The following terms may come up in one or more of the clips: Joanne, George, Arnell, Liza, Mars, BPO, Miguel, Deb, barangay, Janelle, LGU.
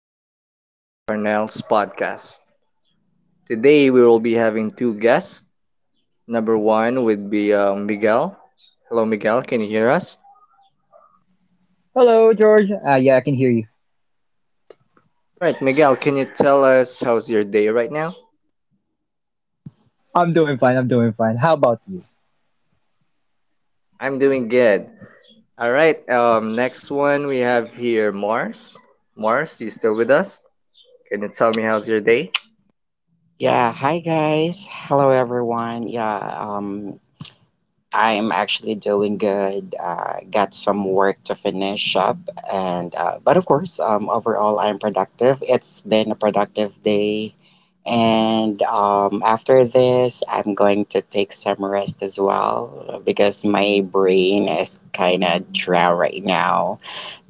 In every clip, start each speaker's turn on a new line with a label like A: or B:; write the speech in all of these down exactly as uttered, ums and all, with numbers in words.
A: and welcome to Arnell's podcast. Today, we will be having two guests. Number one would be uh, Miguel. Hello, Miguel. Can you hear us?
B: Hello, George. Ah, yeah, I can hear you.
A: All right, Miguel. Can you tell us how's your day right now?
B: I'm doing fine. I'm doing fine. How about you?
A: I'm doing good. All right. Um, next one we have here Mars. Mars, you still with us? Can you tell me how's your day?
C: Yeah, hi guys. Hello everyone. Yeah, um I'm actually doing good. Uh got some work to finish up and uh but of course, um overall I'm productive. It's been a productive day, and um after this I'm going to take some rest as well because my brain is kind of dry right now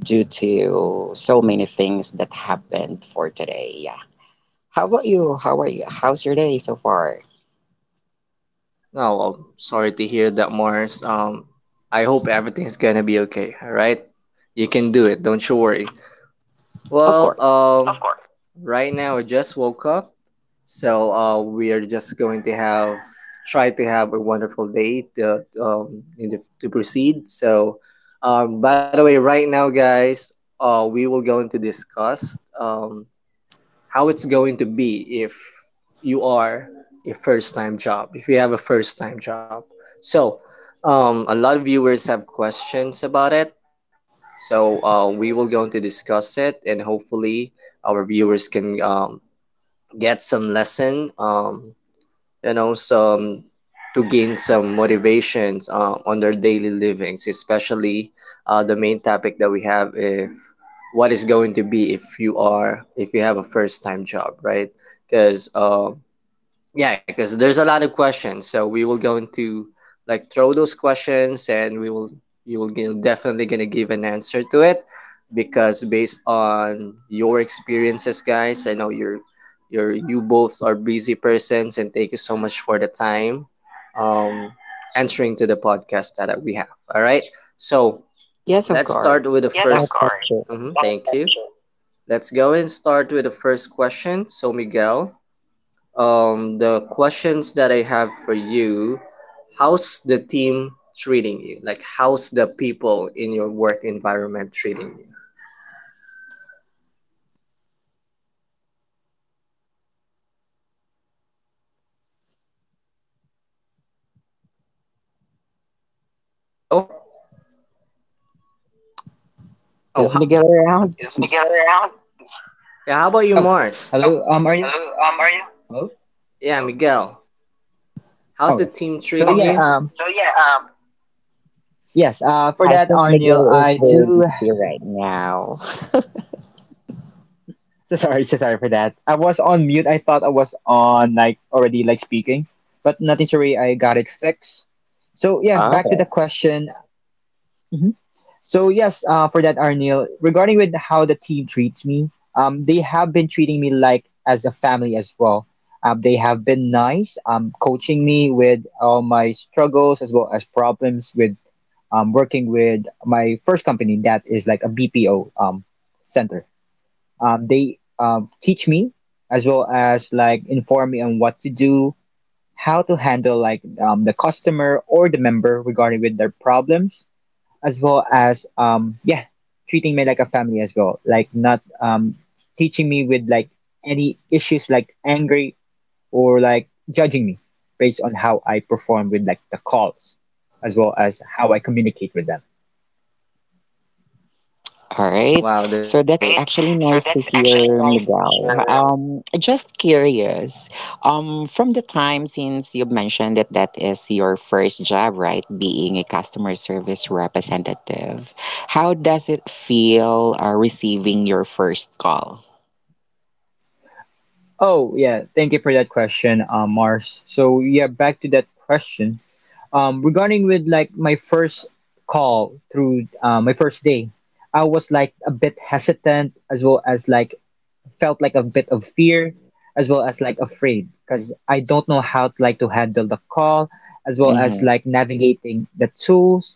C: due to so many things that happened for today. Yeah. How about you? How are you? How's your day so far?
A: Oh well, sorry to hear that, Mars. Um, I hope everything's gonna be okay. All right, you can do it. Don't you worry.
C: Of
A: Well,
C: course.
A: um, of course. Right now I just woke up, so uh, we are just going to have try to have a wonderful day to, um, in the, to proceed. So, um, by the way, right now, guys, uh, we will going to discuss um, how it's going to be if you are a first time job, if you have a first time job. So, um, a lot of viewers have questions about it. So, uh, we will going to discuss it, and hopefully, our viewers can um, get some lesson, um, you know some to gain some motivations uh, on their daily livings, especially uh, the main topic that we have, if what is going to be if you are if you have a first time job, right? Because uh, yeah, because there's a lot of questions, so we will going to like throw those questions, and we will you will g- definitely gonna give an answer to it, because based on your experiences, guys, I know you're you're you both are busy persons, and thank you so much for the time, um, answering to the podcast that we have. All right, so
C: Yes, of
A: let's
C: course.
A: start with the yes, of
C: Without
A: first course.
C: question.
A: Hmm thank you. Let's go and start with the first question. So Miguel, um, the questions that I have for you, how's the team treating you? Like, how's the people in your work environment treating you? Hello? Oh,
C: Is
A: ho-
C: Miguel around?
A: Is Miguel around? Yeah, how about you,
B: Oh,
A: Mars?
B: hello.
A: Oh,
B: Um, are you?
A: hello. Um, are you?
B: Hello.
A: Yeah, Miguel.
B: Oh, yeah.
A: How's the team
B: So yeah.
A: treating oh you?
B: Um,
A: So yeah. Um.
B: yes. Uh, for
C: I
B: that,
C: think
B: Arnil,
C: Miguel is
B: I
C: very
B: do.
C: busy right now.
B: So sorry. So sorry for that. I was on mute. I thought I was on like already like speaking, but nothing. Sorry, I got it fixed. So yeah, back to the
C: Oh,
B: question. So yes, uh, for that, Arnil, regarding with how the team treats me, um, they have been treating me like as a family as well. Um, they have been nice, um, coaching me with all my struggles as well as problems with um, working with my first company that is like a B P O um, center. Um, they um, teach me as well as like inform me on what to do, how to handle like um, the customer or the member regarding with their problems as well as um yeah, treating me like a family as well, like not um teaching me with like any issues like angry or like judging me based on how I perform with like the calls as well as how I communicate with them.
C: all right.
A: Wow, that's
C: So
A: all
C: that's
A: right, great.
C: actually
A: So
C: nice to
A: that's actually
C: hear,
A: nice to
C: Miguel.
A: hear.
C: Um, just curious. Um, from the time since you've mentioned that that is your first job, right? Being a customer service representative, how does it feel uh, receiving your first call?
B: Oh yeah, thank you for that question, uh, Mars. So yeah, back to that question, um regarding with like my first call through uh, my first day, I was like a bit hesitant as well as like felt like a bit of fear as well as like afraid because I don't know how to like to handle the call as well as
C: Mm-hmm.
B: like navigating the tools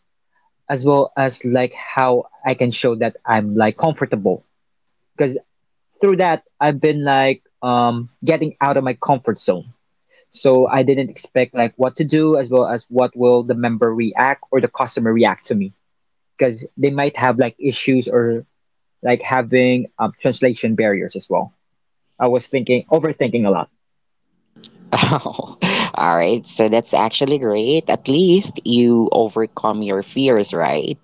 B: as well as like how I can show that I'm like comfortable because through that I've been like um getting out of my comfort zone. So I didn't expect like what to do as well as what will the member react or the customer react to me because they might have like issues or like having um, translation barriers as well. I was thinking, overthinking a lot.
C: Oh, all right. So that's actually great. At least you overcome your fears, right?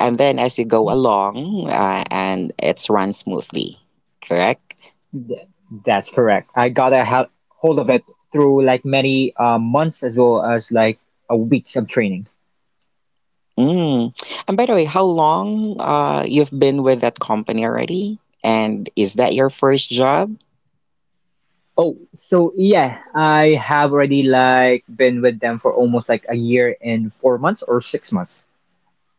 C: And then as you
B: Mhm.
C: go along, uh, and it's run smoothly, correct?
B: Th- That's correct. I got a ha- hold of it through like many uh, months as well as like a weeks of training.
C: Mm. And by the way, how long uh you've been with that company already? And is that your first job?
B: Oh, so yeah, I have already like been with them for almost like a year and four months or six months.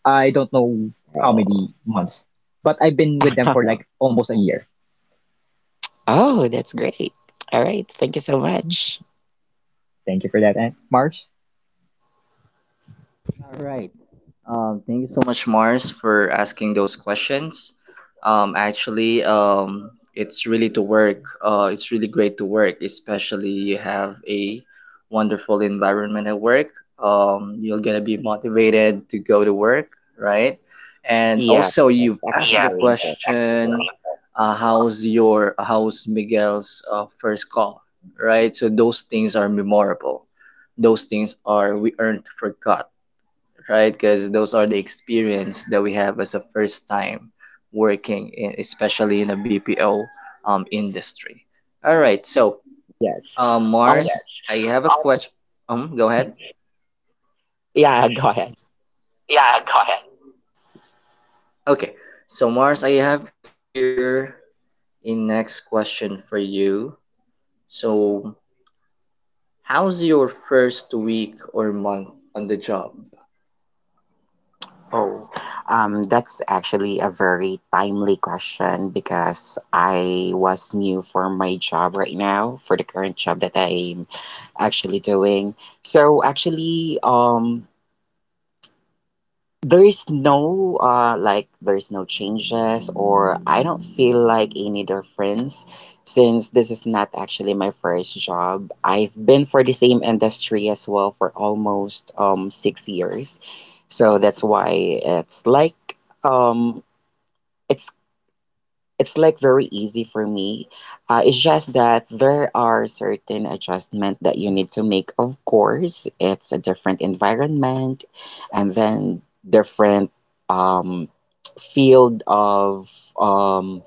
B: I don't know how many
C: Oh.
B: months, but I've been with them for like almost a year.
C: Oh, that's great. All right. Thank you so
B: Mhm.
C: much.
B: Thank you for that, eh, Marge.
A: All right. Um, thank you so much, Mars, for asking those questions. Um, actually, um, it's really to work. Uh, it's really great to work, especially you have a wonderful environment at work. Um, you're gonna be motivated to go to work, right? And
C: Yeah,
A: also,
C: that's
A: you've asked,
C: actually
A: yeah, the yeah
C: very important as well.
A: question, uh, "How's your how's Miguel's uh, first call?" Right. So those things are memorable. Those things are we aren't forgot, right? Because those are the experience that we have as a first time working, in, especially in a B P O um, industry. All right, so
C: Yes.
A: uh, Mars,
C: Um,
A: yes, I have a um question. Um, go ahead.
C: yeah, go ahead.
A: Yeah, go ahead. Okay, so Mars, I have here a next question for you. So, how's your first week or month on the job?
C: Oh, um, that's actually a very timely question because I was new for my job right now, for the current job that I'm actually doing. So actually, um, there is no uh like there's no changes or I don't feel like any difference since this is not actually my first job. I've been for the same industry as well for almost um six years. So that's why it's like um it's it's like very easy for me. Uh, it's just that there are certain adjustment that you need to make. Of course, it's a different environment, and then different um, field of um,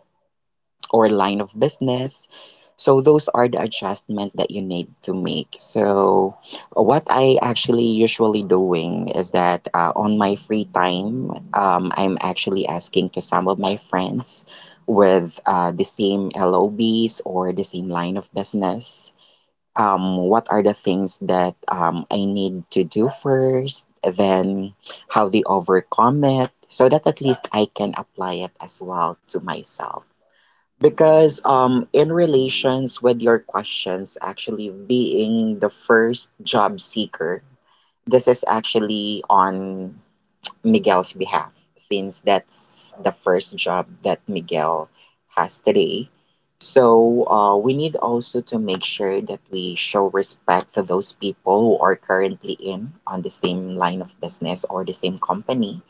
C: or line of business. So those are the adjustment that you need to make. So what I actually usually doing is that uh, on my free time, um, I'm actually asking to some of my friends with uh, the same L O Bs or the same line of business. Um, what are the things that um, I need to do first, then how they overcome it, so that at least I can apply it as well to myself. Because um, in relations with your questions, actually being the first job seeker, this is actually on Miguel's behalf, since that's the first job that Miguel has today. So uh, we need also to make sure that we show respect to those people who are currently in on the same line of business or the same company.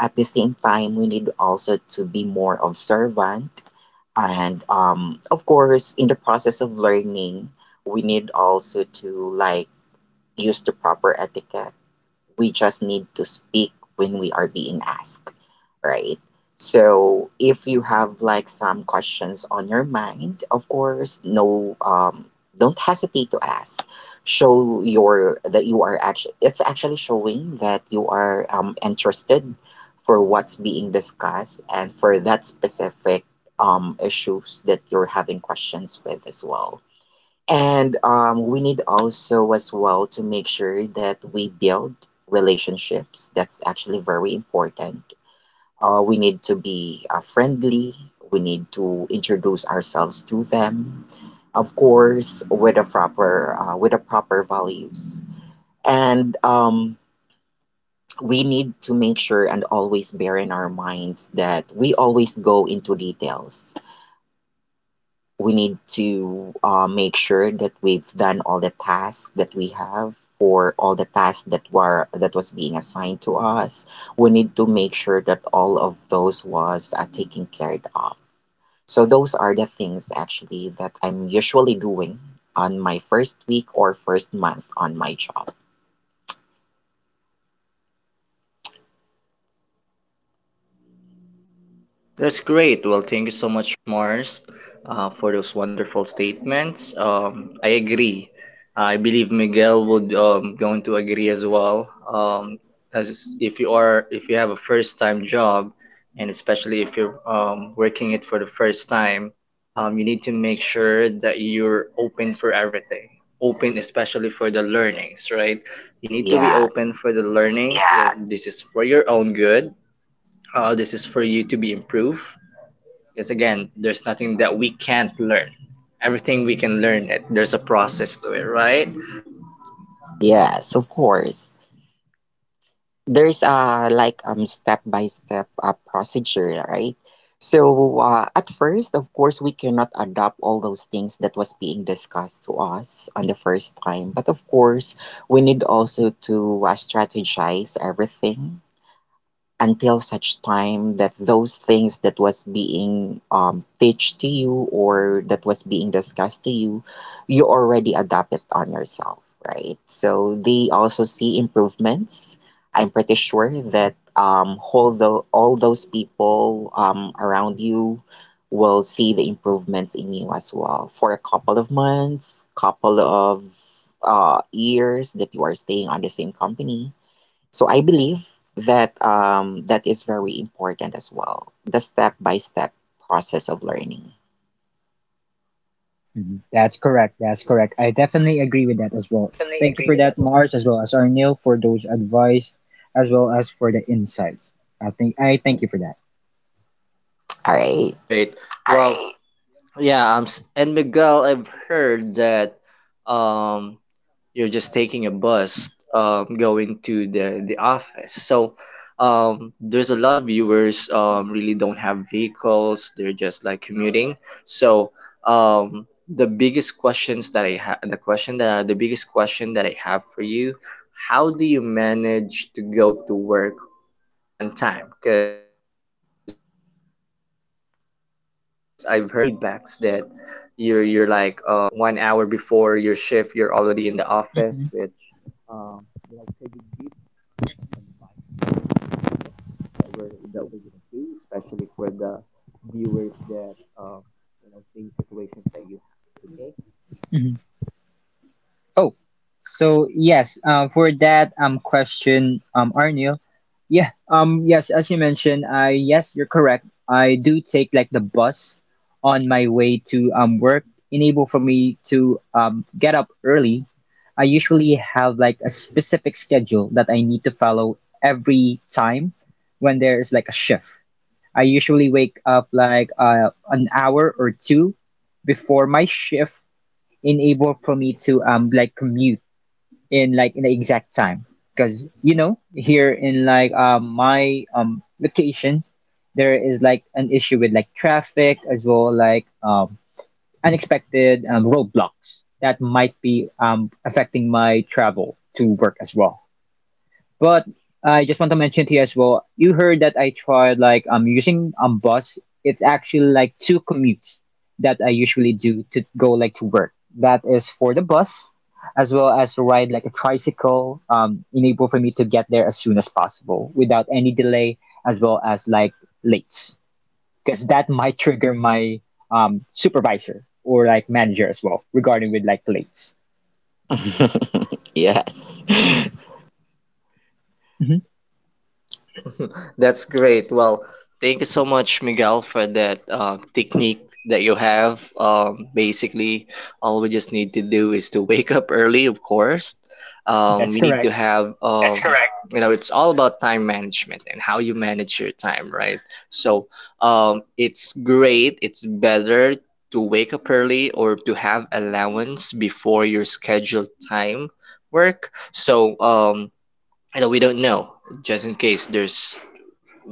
C: At the same time, we need also to be more observant, and um, of course in the process of learning we need also to like use the proper etiquette. We just need to speak when we are being asked, right? So if you have like some questions on your mind, of course, no, um, don't hesitate to ask. Show your that you are actually it's actually showing that you are um, interested for what's being discussed and for that specific um, issues that you're having questions with as well. And um, we need also as well to make sure that we build relationships. That's actually very important. Uh, we need to be uh, friendly. We need to introduce ourselves to them, of course, with a proper uh, with a proper values. And um, we need to make sure and always bear in our minds that we always go into details. We need to uh, make sure that we've done all the tasks that we have, for all the tasks that were that was being assigned to us. We need to make sure that all of those was uh, taken care of. So those are the things actually that I'm usually doing on my first week or first month on my job.
A: That's great. Well, thank you so much, Mars, uh, for those wonderful statements. Um, I agree. I believe Miguel would um, going to agree as well. Um, as if you are if you have a first time job, and especially if you're um, working it for the first time, um, you need to make sure that you're open for everything. Open, especially for the learnings, right? You need to be
C: Yes.
A: open for the learnings. Yeah. That this is for your own good. Uh, this is for you to be improved because again, there's nothing that we can't learn. Everything we can learn, it, there's a process to it, right?
C: Yes, of course. There's a like um step by step uh, procedure, right? So uh, at first of course we cannot adopt all those things that was being discussed to us on the first time, but of course we need also to uh, strategize everything until such time that those things that was being um, teach to you or that was being discussed to you you already adapt it on yourself, right? So they also see improvements. I'm pretty sure that um, although all those people um, around you will see the improvements in you as well for a couple of months, couple of uh, years that you are staying on the same company. So I believe that um, that is very important as well. The step by step process of learning.
B: Mhm. That's correct. That's correct. I definitely agree with that as well. Thank you for that, Mars, as well as Arnil for those advice, as well as for the insights. I think I thank you for that.
C: All right.
A: Great. Well, right. Yeah, um, s- and Miguel, I've heard that um, you're just taking a bus um, going to the, the office. So um, there's a lot of viewers um, really don't have vehicles. They're just like commuting. So um, the biggest questions that I have, the question that the biggest question that I have for you, how do you manage to go to work on time, because I've heard feedbacks that you're you're like uh, one hour before your shift you're already in the office, which um, you know could
B: Mhm.
A: you give advice that we're, that we're gonna do, especially for the viewers that um, you know same situations that you have. Okay.
B: Mhm. Oh, so yes, um, for that um question, um Arnil, yeah, um yes, as you mentioned, I yes, you're correct. I do take like the bus on my way to um work, enable for me to um get up early. I usually have like a specific schedule that I need to follow every time when there is like a shift. I usually wake up like uh, an hour or two before my shift, enable for me to um like commute in like in the exact time because you know here in like um, my um location there is like an issue with like traffic as well like um unexpected um, roadblocks that might be um affecting my travel to work as well. But I just want to mention to you as well. You heard that I tried like um using um bus. It's actually like two commutes that I usually do to go like to work. That is for the bus, as well as to ride like a tricycle. Um, enable for me to get there as soon as possible without any delay, as well as like late, because that might trigger my um supervisor or like manager as well regarding with like late.
C: Yes.
B: Mhm.
A: That's great. Well, thank you so much, Miguel, for that uh, technique that you have. Um, basically, all we just need to do is to wake up early, of course. Um,
B: That's
A: we need to
B: correct.
A: have, that's um, correct, you know, it's all about time management and how you manage your time, right? So um, it's great, it's better to wake up early or to have allowance before your scheduled time work. So, um, you know, we don't know just in case there's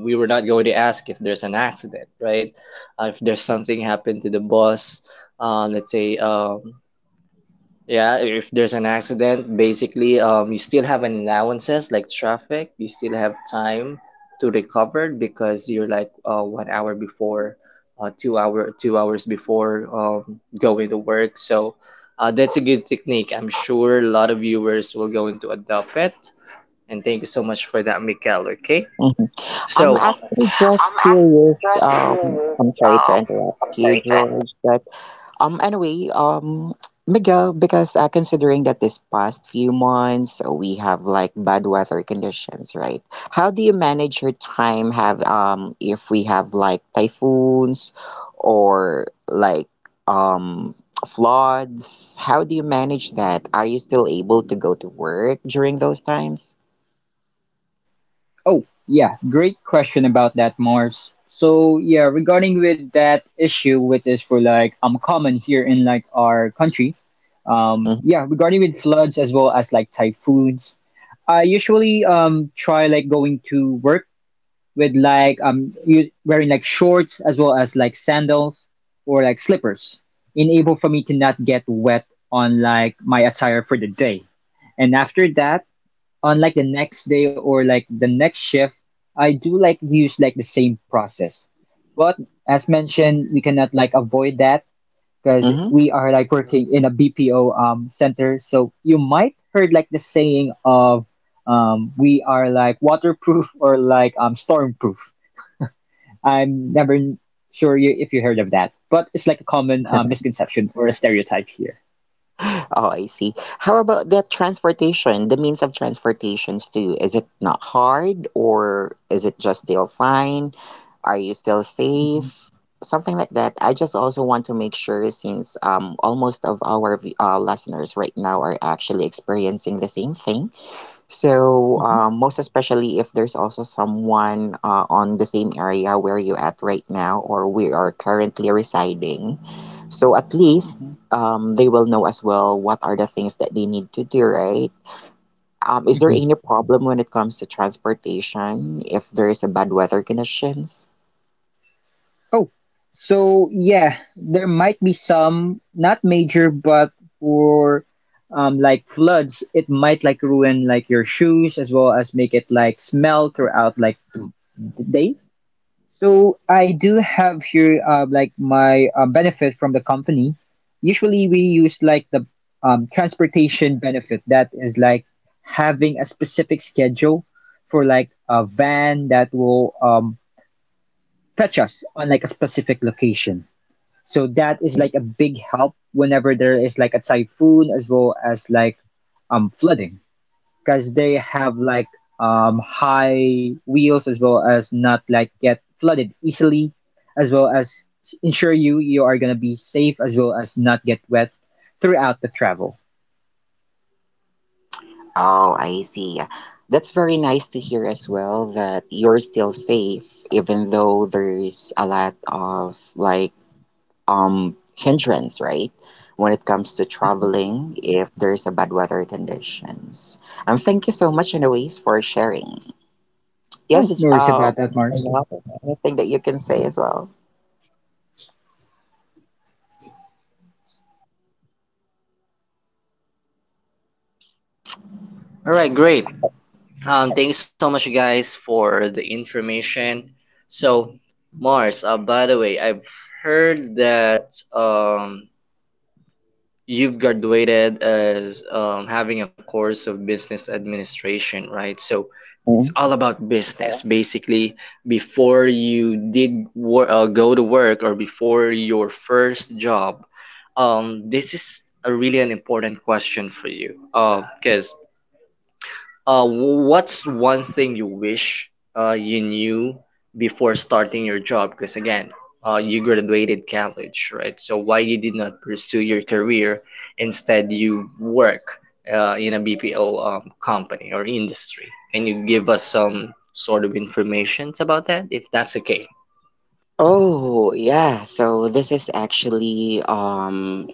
A: we were not going to ask if there's an accident, right? Uh, if there's something happened to the boss, uh, let's say, um, yeah, if there's an accident, basically, um, you still have an allowances like traffic. You still have time to recover because you're like uh, one hour before, uh, two hour, two hours before um, going to work. So, uh, that's a good technique. I'm sure a lot of viewers will going to adopt it. And thank you so much for that, Mikel. Okay.
C: I'm
A: So, all um,
C: actually
A: I'm
C: just
A: actually
C: curious.
A: just
C: Um,
A: curious.
C: I'm sorry to
A: Um,
C: interrupt
A: I'm
C: you,
A: sorry to interrupt.
C: George, but um, anyway, um, Miguel, because uh, considering that this past few months uh, we have like bad weather conditions, right? How do you manage your time? Have um, if we have like typhoons or like um floods, how do you manage that? Are you still able to go to work during those times?
B: Oh, yeah, great question about that, Mars. So, yeah, regarding with that issue, which is for like um common here in like our country, um, yeah,
C: Mm-hmm.
B: regarding with floods as well as like typhoons, I usually um try like going to work with like um u- wearing like shorts as well as like sandals or like slippers, enable for me to not get wet on like my attire for the day, and after that on like the next day or like the next shift, I do like use like the same process. But as mentioned, we cannot like avoid that because
C: Mm-hmm.
B: we are like working in a B P O um center. So you might heard like the saying of um we are like waterproof or like um stormproof. I'm never sure you, if you heard of that, but it's like a common uh, misconception or a stereotype here.
C: Oh, I see. How about the transportation, the means of transportations too? Is it not hard or is it just still fine? Are you still safe? Something like that. I just also want to make sure since um almost of our v- uh, listeners right now are actually experiencing the same thing. So,
B: Mm-hmm.
C: uh, most especially if there's also someone uh, on the same area where you're at right now or we are currently residing. So, at least
B: Hmm.
C: um, they will know as well what are the things that they need to do, right? Um, is there
B: Hmm.
C: any problem when it comes to transportation if there is a bad weather conditions?
B: Oh, so yeah, there might be some, not major, but for um, like floods, it might like ruin like your shoes as well as make it like smell throughout like the the day. So I do have here uh, like my uh, benefit from the company. Usually we use like the um, transportation benefit that is like having a specific schedule for like a van that will um, fetch us on like a specific location. So that is like a big help whenever there is like a typhoon as well as like um flooding because they have like um high wheels as well as not like get flooded easily as well as ensure you you are going to be safe as well as not get wet throughout the travel.
C: Oh, I see. That's very nice to hear as well that you're still safe, even though there's a lot of like um hindrance, right? When it comes to
B: Mhm.
C: traveling, if there's a bad weather conditions. And thank you so much, anyways, for sharing. Yes,
B: No, no
C: J-
B: worries about
C: um,
B: that, Mars.
C: Janelle, anything that you can say as well?
A: Right, great. Um, thank you so much, you guys, for the information. So, Mars. Uh, by the way, I've heard that um you've graduated as um, having a course of business administration, right? So it's
C: Mm.
A: all about business. Yeah. Basically, before you did wor- uh, go to work or before your first job, um, this is a really an important question for you because uh, what's one thing you wish uh, you knew before starting your job? Because again, uh, you graduated college, right? So why you did not pursue your career? Instead, you work uh, in a B P O um, company or industry. Can you give us some sort of information about that, if that's okay?
C: Oh, yeah. So this is actually um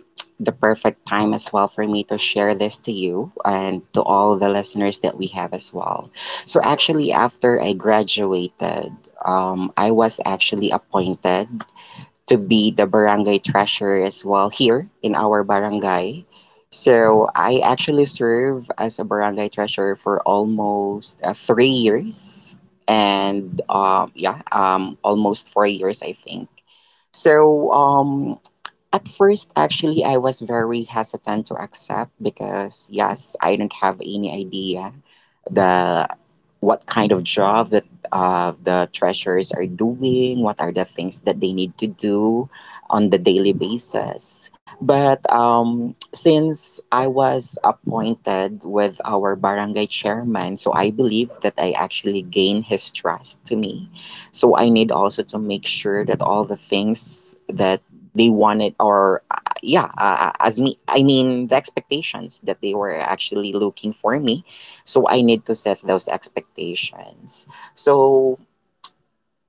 C: the perfect time as well for me to share this to you and to all the listeners that we have as well. So actually, after I graduated, um, I was actually appointed to be the barangay treasurer as well here in our barangay. So I actually serve as a barangay treasurer for almost uh, three years and um yeah um almost four years I think. So um at first, actually, I was very hesitant to accept because, yes, I don't have any idea the what kind of job that uh, the treasurers are doing, what are the things that they need to do on the daily basis. But um, since I was appointed with our barangay chairman, so I believe that I actually gain his trust to me. So I need also to make sure that all the things that they wanted or uh, yeah uh, uh, as me I mean the expectations that they were actually looking for me, so I need to set those expectations. So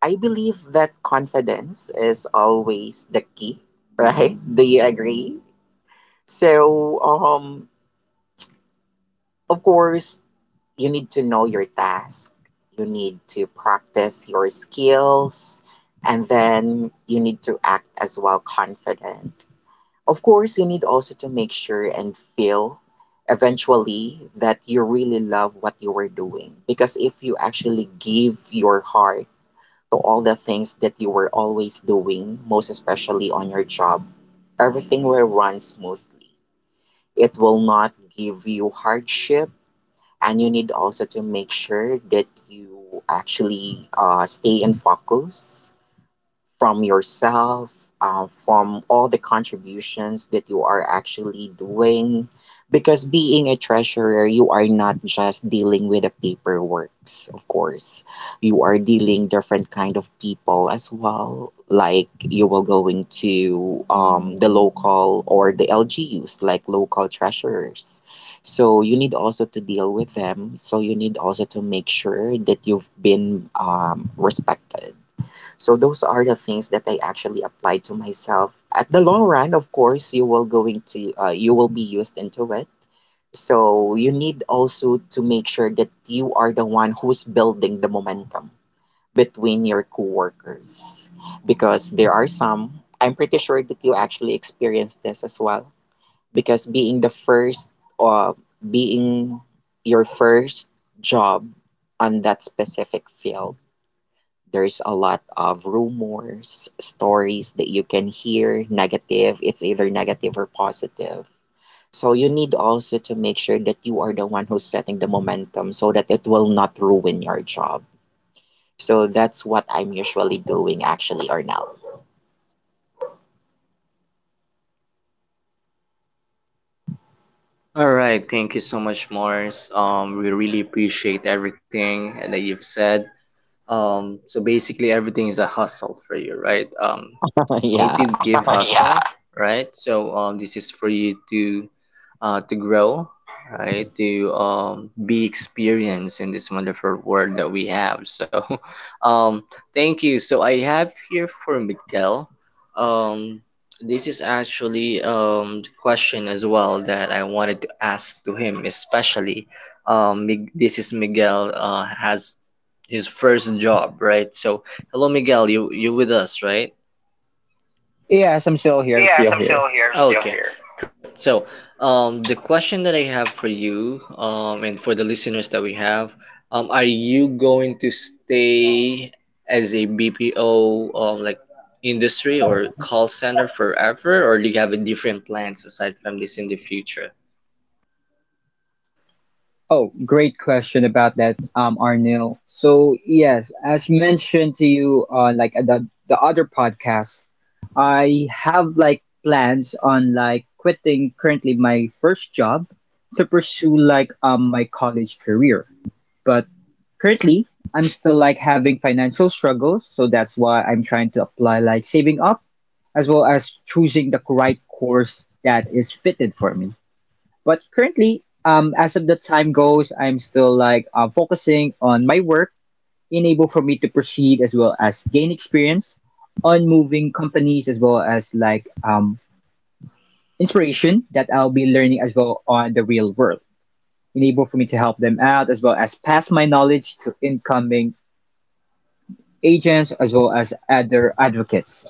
C: I believe that confidence is always the key, right? Do you agree? So um, of course you need to know your task, you need to practice your skills, and then you need to act as well confident. Of course, you need also to make sure and feel eventually that you really love what you were doing. Because if you actually give your heart to all the things that you were always doing, most especially on your job, everything will run smoothly. It will not give you hardship, and you need also to make sure that you actually uh, stay and focus from yourself, uh, from all the contributions that you are actually doing. Because being a treasurer, you are not just dealing with the paperworks, of course. You are dealing different kind of people as well. Like you will going to um, the local or the L G Us, like local treasurers. So you need also to deal with them. So you need also to make sure that you've been um, respected. So those are the things that I actually apply to myself. At the long run, of course, you will going to uh, you will be used into it. So you need also to make sure that you are the one who's building the momentum between your coworkers, because there are some I'm pretty sure that you actually experienced this as well. Because being the first uh, being your first job on that specific field, there's a lot of rumors, stories that you can hear negative. It's either negative or positive. So you need also to make sure that you are the one who's setting the momentum so that it will not ruin your job. So that's what I'm usually doing actually, Arnell.
A: All right, thank you so much, Mars. Um, we really appreciate everything that you've said. Um, so basically, everything is a hustle for you, right? Um, you
C: Yeah.
A: need to give yeah hustle, yeah, right? So um, this is for you to uh, to grow, right? To um, be experienced in this wonderful world that we have. So, um, thank you. So I have here for Miguel. Um, this is actually um the question as well that I wanted to ask to him, especially um Mig- this is Miguel uh has his first job, right? So, hello, Miguel. You you with us, right?
B: Yes, I'm still here,
A: Yes,
B: still
A: I'm
B: here.
A: still here. I'm still okay, here, great. So, um, the question that I have for you, um, and for the listeners that we have, um, are you going to stay as a B P O, um, like industry or call center forever, or do you have a different plans aside from this in the future?
B: Oh, great question about that, um, Arnil. So yes, as mentioned to you on like the the other podcast, I have like plans on like quitting currently my first job to pursue like um my college career. But currently, I'm still like having financial struggles, so that's why I'm trying to apply like saving up as well as choosing the right course that is fitted for me. But currently, um, as of the time goes, I'm still like uh, focusing on my work, enable for me to proceed as well as gain experience on moving companies as well as like um, inspiration that I'll be learning as well on the real world, enable for me to help them out as well as pass my knowledge to incoming agents as well as other advocates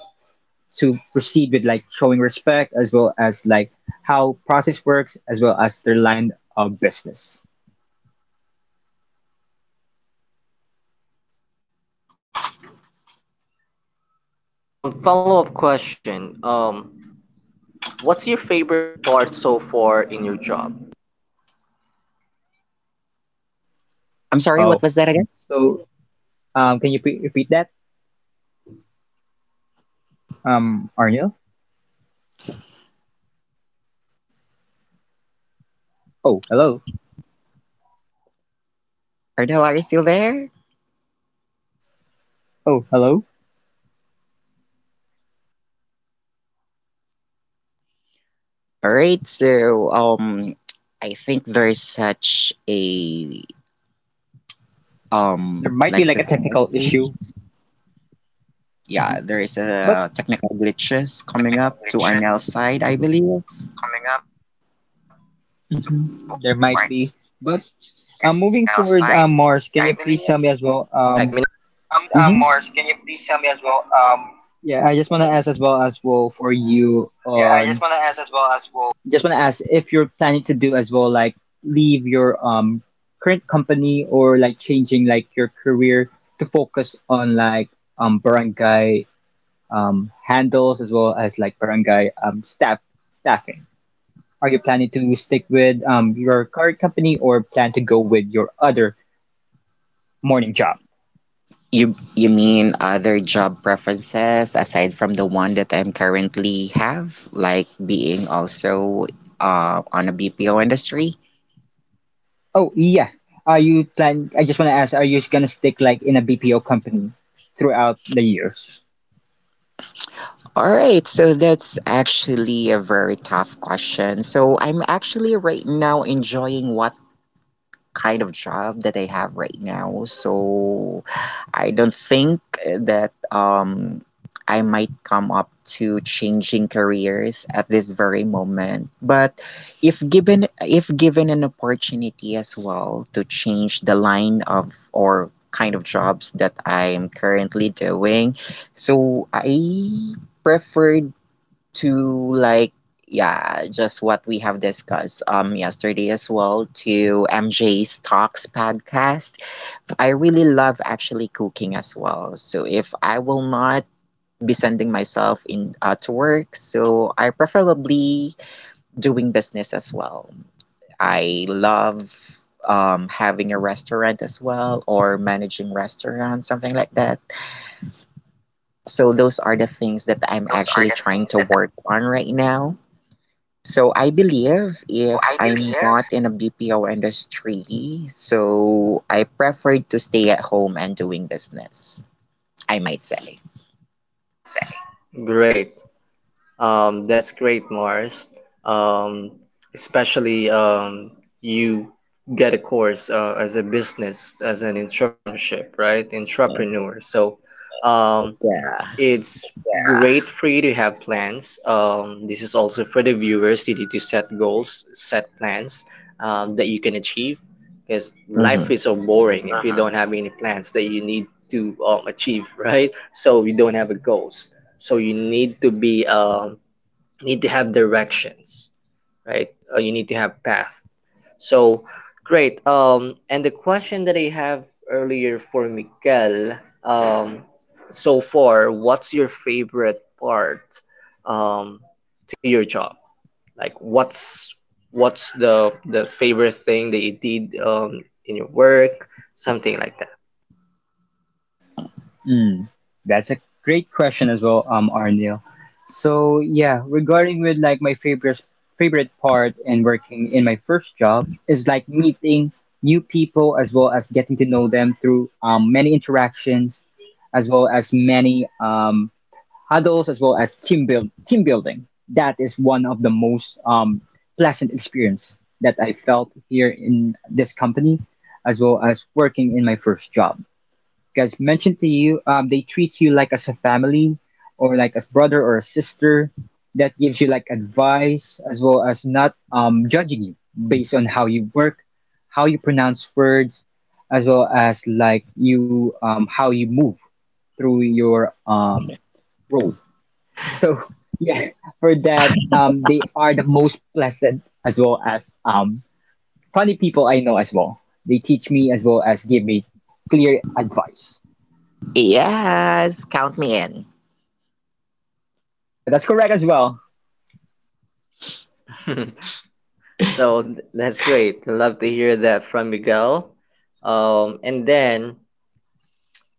B: to proceed with like showing respect as well as like how process works as well as their line of business.
A: Great. And um, follow up question. Um, what's your favorite part so far in your job?
C: I'm sorry,
B: Oh,
C: what was that again?
B: so um, can you pre- repeat that, um, Arnil?
A: Oh yeah. Um, or yeah. Um, what's your favorite part so far um in
B: Oh,
A: your
B: hello.
A: job, like in the, oh, your hello, B P L um, industry?
C: Arnell, are you still there?
A: Ernell, are you still there?
B: Oh, hello.
A: Yeah, can you hear me?
C: Alright, so
A: Alright,
C: um
A: so,
C: I
A: um,
C: think
A: hello,
C: there's such a um
B: There might be
C: like
B: like a
C: system
B: technical issue,
C: issues. Yeah,
B: mhm,
C: there is
B: but
A: yeah,
C: a
A: hello
C: technical
A: guys, there's can you hear
C: glitches
A: uh, me?
C: coming
A: Technical
C: up to Arnell
A: glitches coming
C: side, I
A: up to
C: believe.
A: Arnell's side, I believe. Yeah,
B: mhm,
A: can you hear
B: there
A: me now?
B: might
A: There
B: be. But
A: might be.
B: um, moving
A: But,
B: forward, um,
A: uh,
B: Mars, can
A: moving
B: you
A: forward,
B: please tell me
A: uh,
B: as
A: Mars,
B: well?
A: can you
B: Um,
A: please tell me as well?
C: Hmm.
A: Um, mhm,
B: yeah, I just want to ask as well
A: yeah,
B: as
A: I just
B: well
A: want to
B: for
A: ask as well
B: you
A: as well.
B: on. Just want to ask if you're planning to do as well, like leave your um current company or like changing like your career to focus on like um barangay um, handles as well as like barangay um, staff staffing? Are you planning to stick with um, your current company or plan to go with your other morning job?
C: You you mean other job preferences aside from the one that I'm currently have, like being also uh, on a B P O industry?
B: Oh yeah, are you plan? I just want to ask, are you gonna stick like in a B P O company throughout the years?
C: All right, so that's actually a very tough question. So I'm actually right now enjoying what kind of job that I have right now. So I don't think that um, I might come up to changing careers at this very moment. But if given if given an opportunity as well to change the line of or kind of jobs that I'm currently doing, so I prefer to like yeah just what we have discussed um yesterday as well to MJ's talks podcast. I really love actually cooking as well. So if I will not be sending myself in uh, to work, so I preferably doing business as well. I love um, having a restaurant as well or managing restaurants, something like that. So those are the things that
A: Well,
C: I'm
A: those are the
C: actually trying
A: things
C: to
A: that. I,
C: work on right now. So I believe
A: so
C: if
A: I believe
C: I'm not in a B P O industry, so I prefer to stay at home and doing business, I might say.
A: I might say. Great. Um, that's great, Mars. Um, especially um, you get a course uh, as a business, as an entrepreneurship, right? Entrepreneur. So, um,
C: Yeah.
A: it's great for you to have plans. Um, this is also for the viewers. You need to set goals, set plans um, that you can achieve because
C: Hmm.
A: life is so boring if you uh-huh don't have any plans that you need to um, achieve, right? So you don't have a goals. So you need to be um, need to have directions, right? uh, you need to have past. So great. um and the question that I have earlier for Mikel, um so far what's your favorite part um to your job, like what's what's the the favorite thing that you did um in your work, something like that.
B: Mm, that's a great question as well, um, Arnil. So yeah, regarding with like my favorite favorite part in working in my first job is like meeting new people as well as getting to know them through um, many interactions, as well as many um, huddles, as well as team build team building. That is one of the most um, pleasant experience that I felt here in this company, as well as working in my first job. Because mentioned to you, um, they treat you like as a family or like a brother or a sister. That gives you like advice as well as not um, judging you based on how you work, how you pronounce words, as well as like you um, how you move through your um, role. So yeah, for that um, they are the most pleasant as well as um, funny people I know as well. They teach me as well as give me clear advice.
C: Yes, count me in.
B: Yeah, that's correct as well.
A: So th- that's great, love to hear that from Miguel. um and then,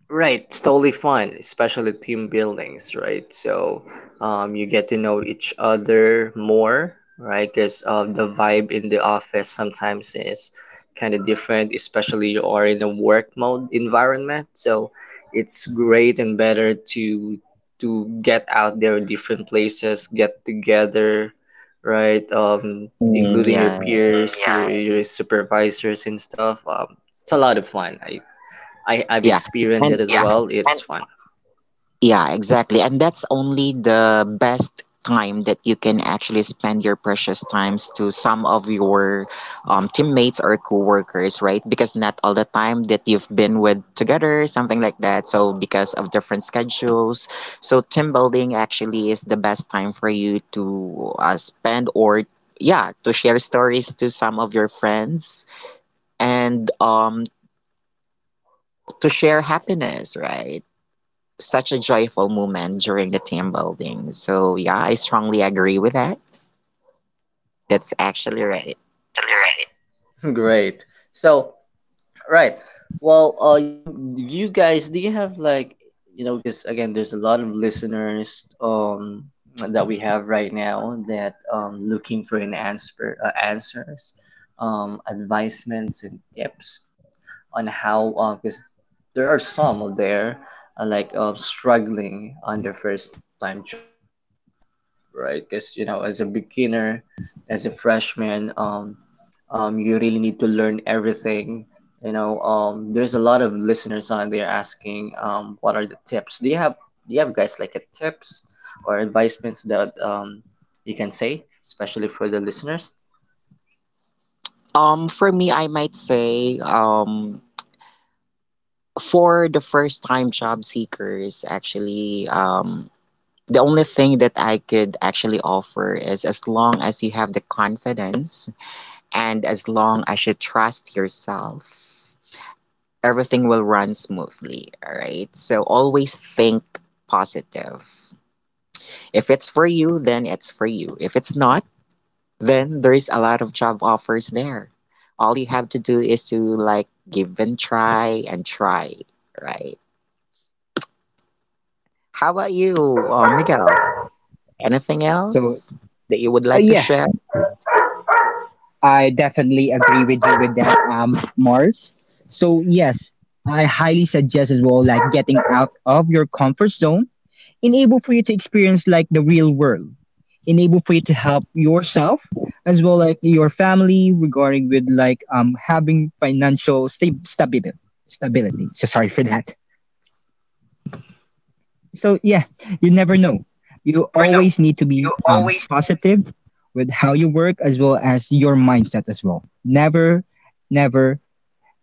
A: right, it's totally fun, especially team buildings, right? So, um, you get to know each other more, right? Because um, the vibe in the office sometimes is kind of different, especially you are in a work mode environment. So, it's great and better to to get out there, different places, get together, right? Um,
C: Mm,
A: including your
C: yeah.
A: peers, your yeah, your supervisors and stuff. Um, it's a lot of fun. I I I've
C: Yeah.
A: experienced
C: And
A: it as yeah well. It's fun.
C: yeah, exactly. And that's only the best time that you can actually spend your precious times to some of your um, teammates or coworkers, right? Because not all the time that you've been with together, something like that. So because of different schedules, so team building actually is the best time for you to uh, spend or yeah, to share stories to some of your friends and um to share happiness, right? Such a joyful moment during the team building. So yeah, I strongly agree with that. That's actually right.
A: It's actually right. Great. So right. Well, uh, you you guys, do you have like, you know? Because again, there's a lot of listeners um that we have right now that um looking for an answer, uh, answers, um advisements and tips on how um because there are some out there uh, like uh, struggling on their first time job, right? Because you know, as a beginner, as a freshman, um um, you really need to learn everything, you know. um, there's a lot of listeners on there asking um, what are the tips do you have, do you have guys like a tips or advisements that um, you can say, especially for the listeners.
C: Um, for me, I might say um for the first time job seekers, actually, um, the only thing that I could actually offer is as long as you have the confidence and as long as you trust yourself, everything will run smoothly. All right. So always think positive. If it's for you, then it's for you. If it's not, then there's a lot of job offers there. All you have to do is to like give and try and try, right? How about
B: Mhm.
C: you, uh, Miguel? Anything
B: So,
C: else that you would
B: uh,
C: like to
B: yeah,
C: share?
B: I definitely agree with you with that, um, Mars. So, yes, I highly suggest as well, like getting out of your comfort zone, enable for you to experience like the real world, enable for you to help yourself as well like your family regarding with like um having financial sta- stability. Stability. So sorry for that. So yeah, you never know, you
A: You never know.
B: always need to be
A: You
B: um,
A: always
B: positive with how you work as well as your mindset as well. Never never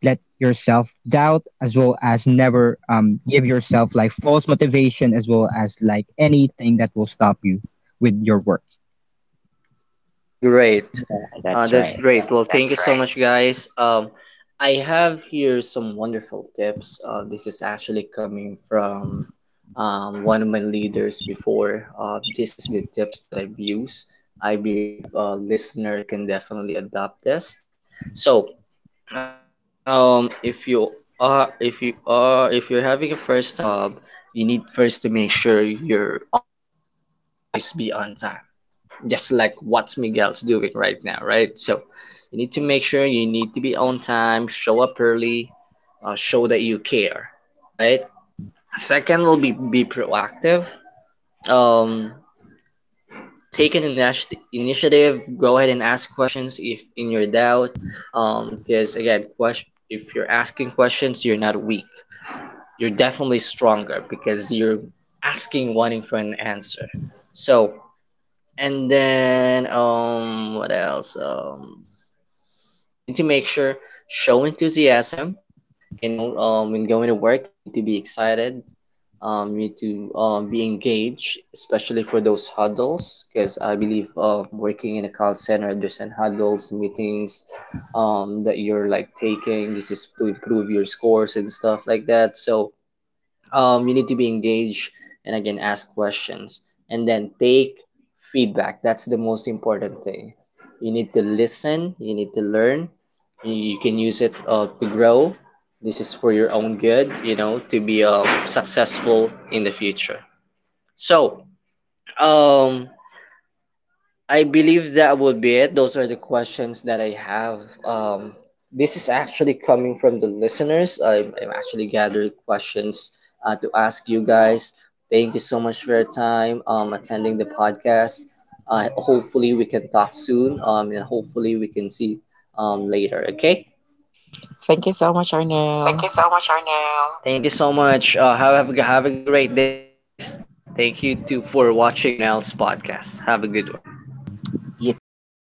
B: let yourself doubt as well as never um, give yourself like false motivation as well as like anything that will stop you with your work.
A: great.
C: Yeah, that's
A: Uh, that's
C: right.
A: great. Well, thank that's you that's so right much, guys. Um, I have here some wonderful tips. Uh, this is actually coming from um, one of my leaders before. Uh, this is the tips that I've used. I believe a listener can definitely adopt this. So, um, if you are if you are if you're having a first time job, you need first to make sure you're always be on time. Just like what Miguel's doing right now, right? So you need to make sure you need to be on time, show up early, uh, show that you care, right? Second will be be proactive. Um, take an initi- initiative, go ahead and ask questions if in your doubt, um because again question, if you're asking questions you're not weak, you're definitely stronger because you're asking wanting for an answer. So, and then um what else, um need to make sure show enthusiasm, you know, um, when going to work, you need to be excited. Um, you need to um, be engaged, especially for those huddles, because I believe um, working in a call center, there's an huddles, meetings um, that you're like taking. This is to improve your scores and stuff like that. So um, you need to be engaged and again ask questions and then take feedback. That's the most important thing. You need to listen, you need to learn, you, you can use it uh, to grow. This is for your own good, you know, to be uh, successful in the future. So um I believe that would be it. Those are the questions that I have. Um, this is actually coming from the listeners. I'm, I'm actually gathering questions uh, to ask you guys. Thank you so much for your time um, attending the podcast. Uh, hopefully, we can talk soon um, and hopefully, we can see um, later. Okay?
C: Thank you so much,
A: Thank
C: Arnell.
A: you so much, Arnell. Thank you so much. Uh, have, have, a, have a great day, guys. Thank you too for watching Arnell's podcast. Have a good one.
C: You too. Bye bye.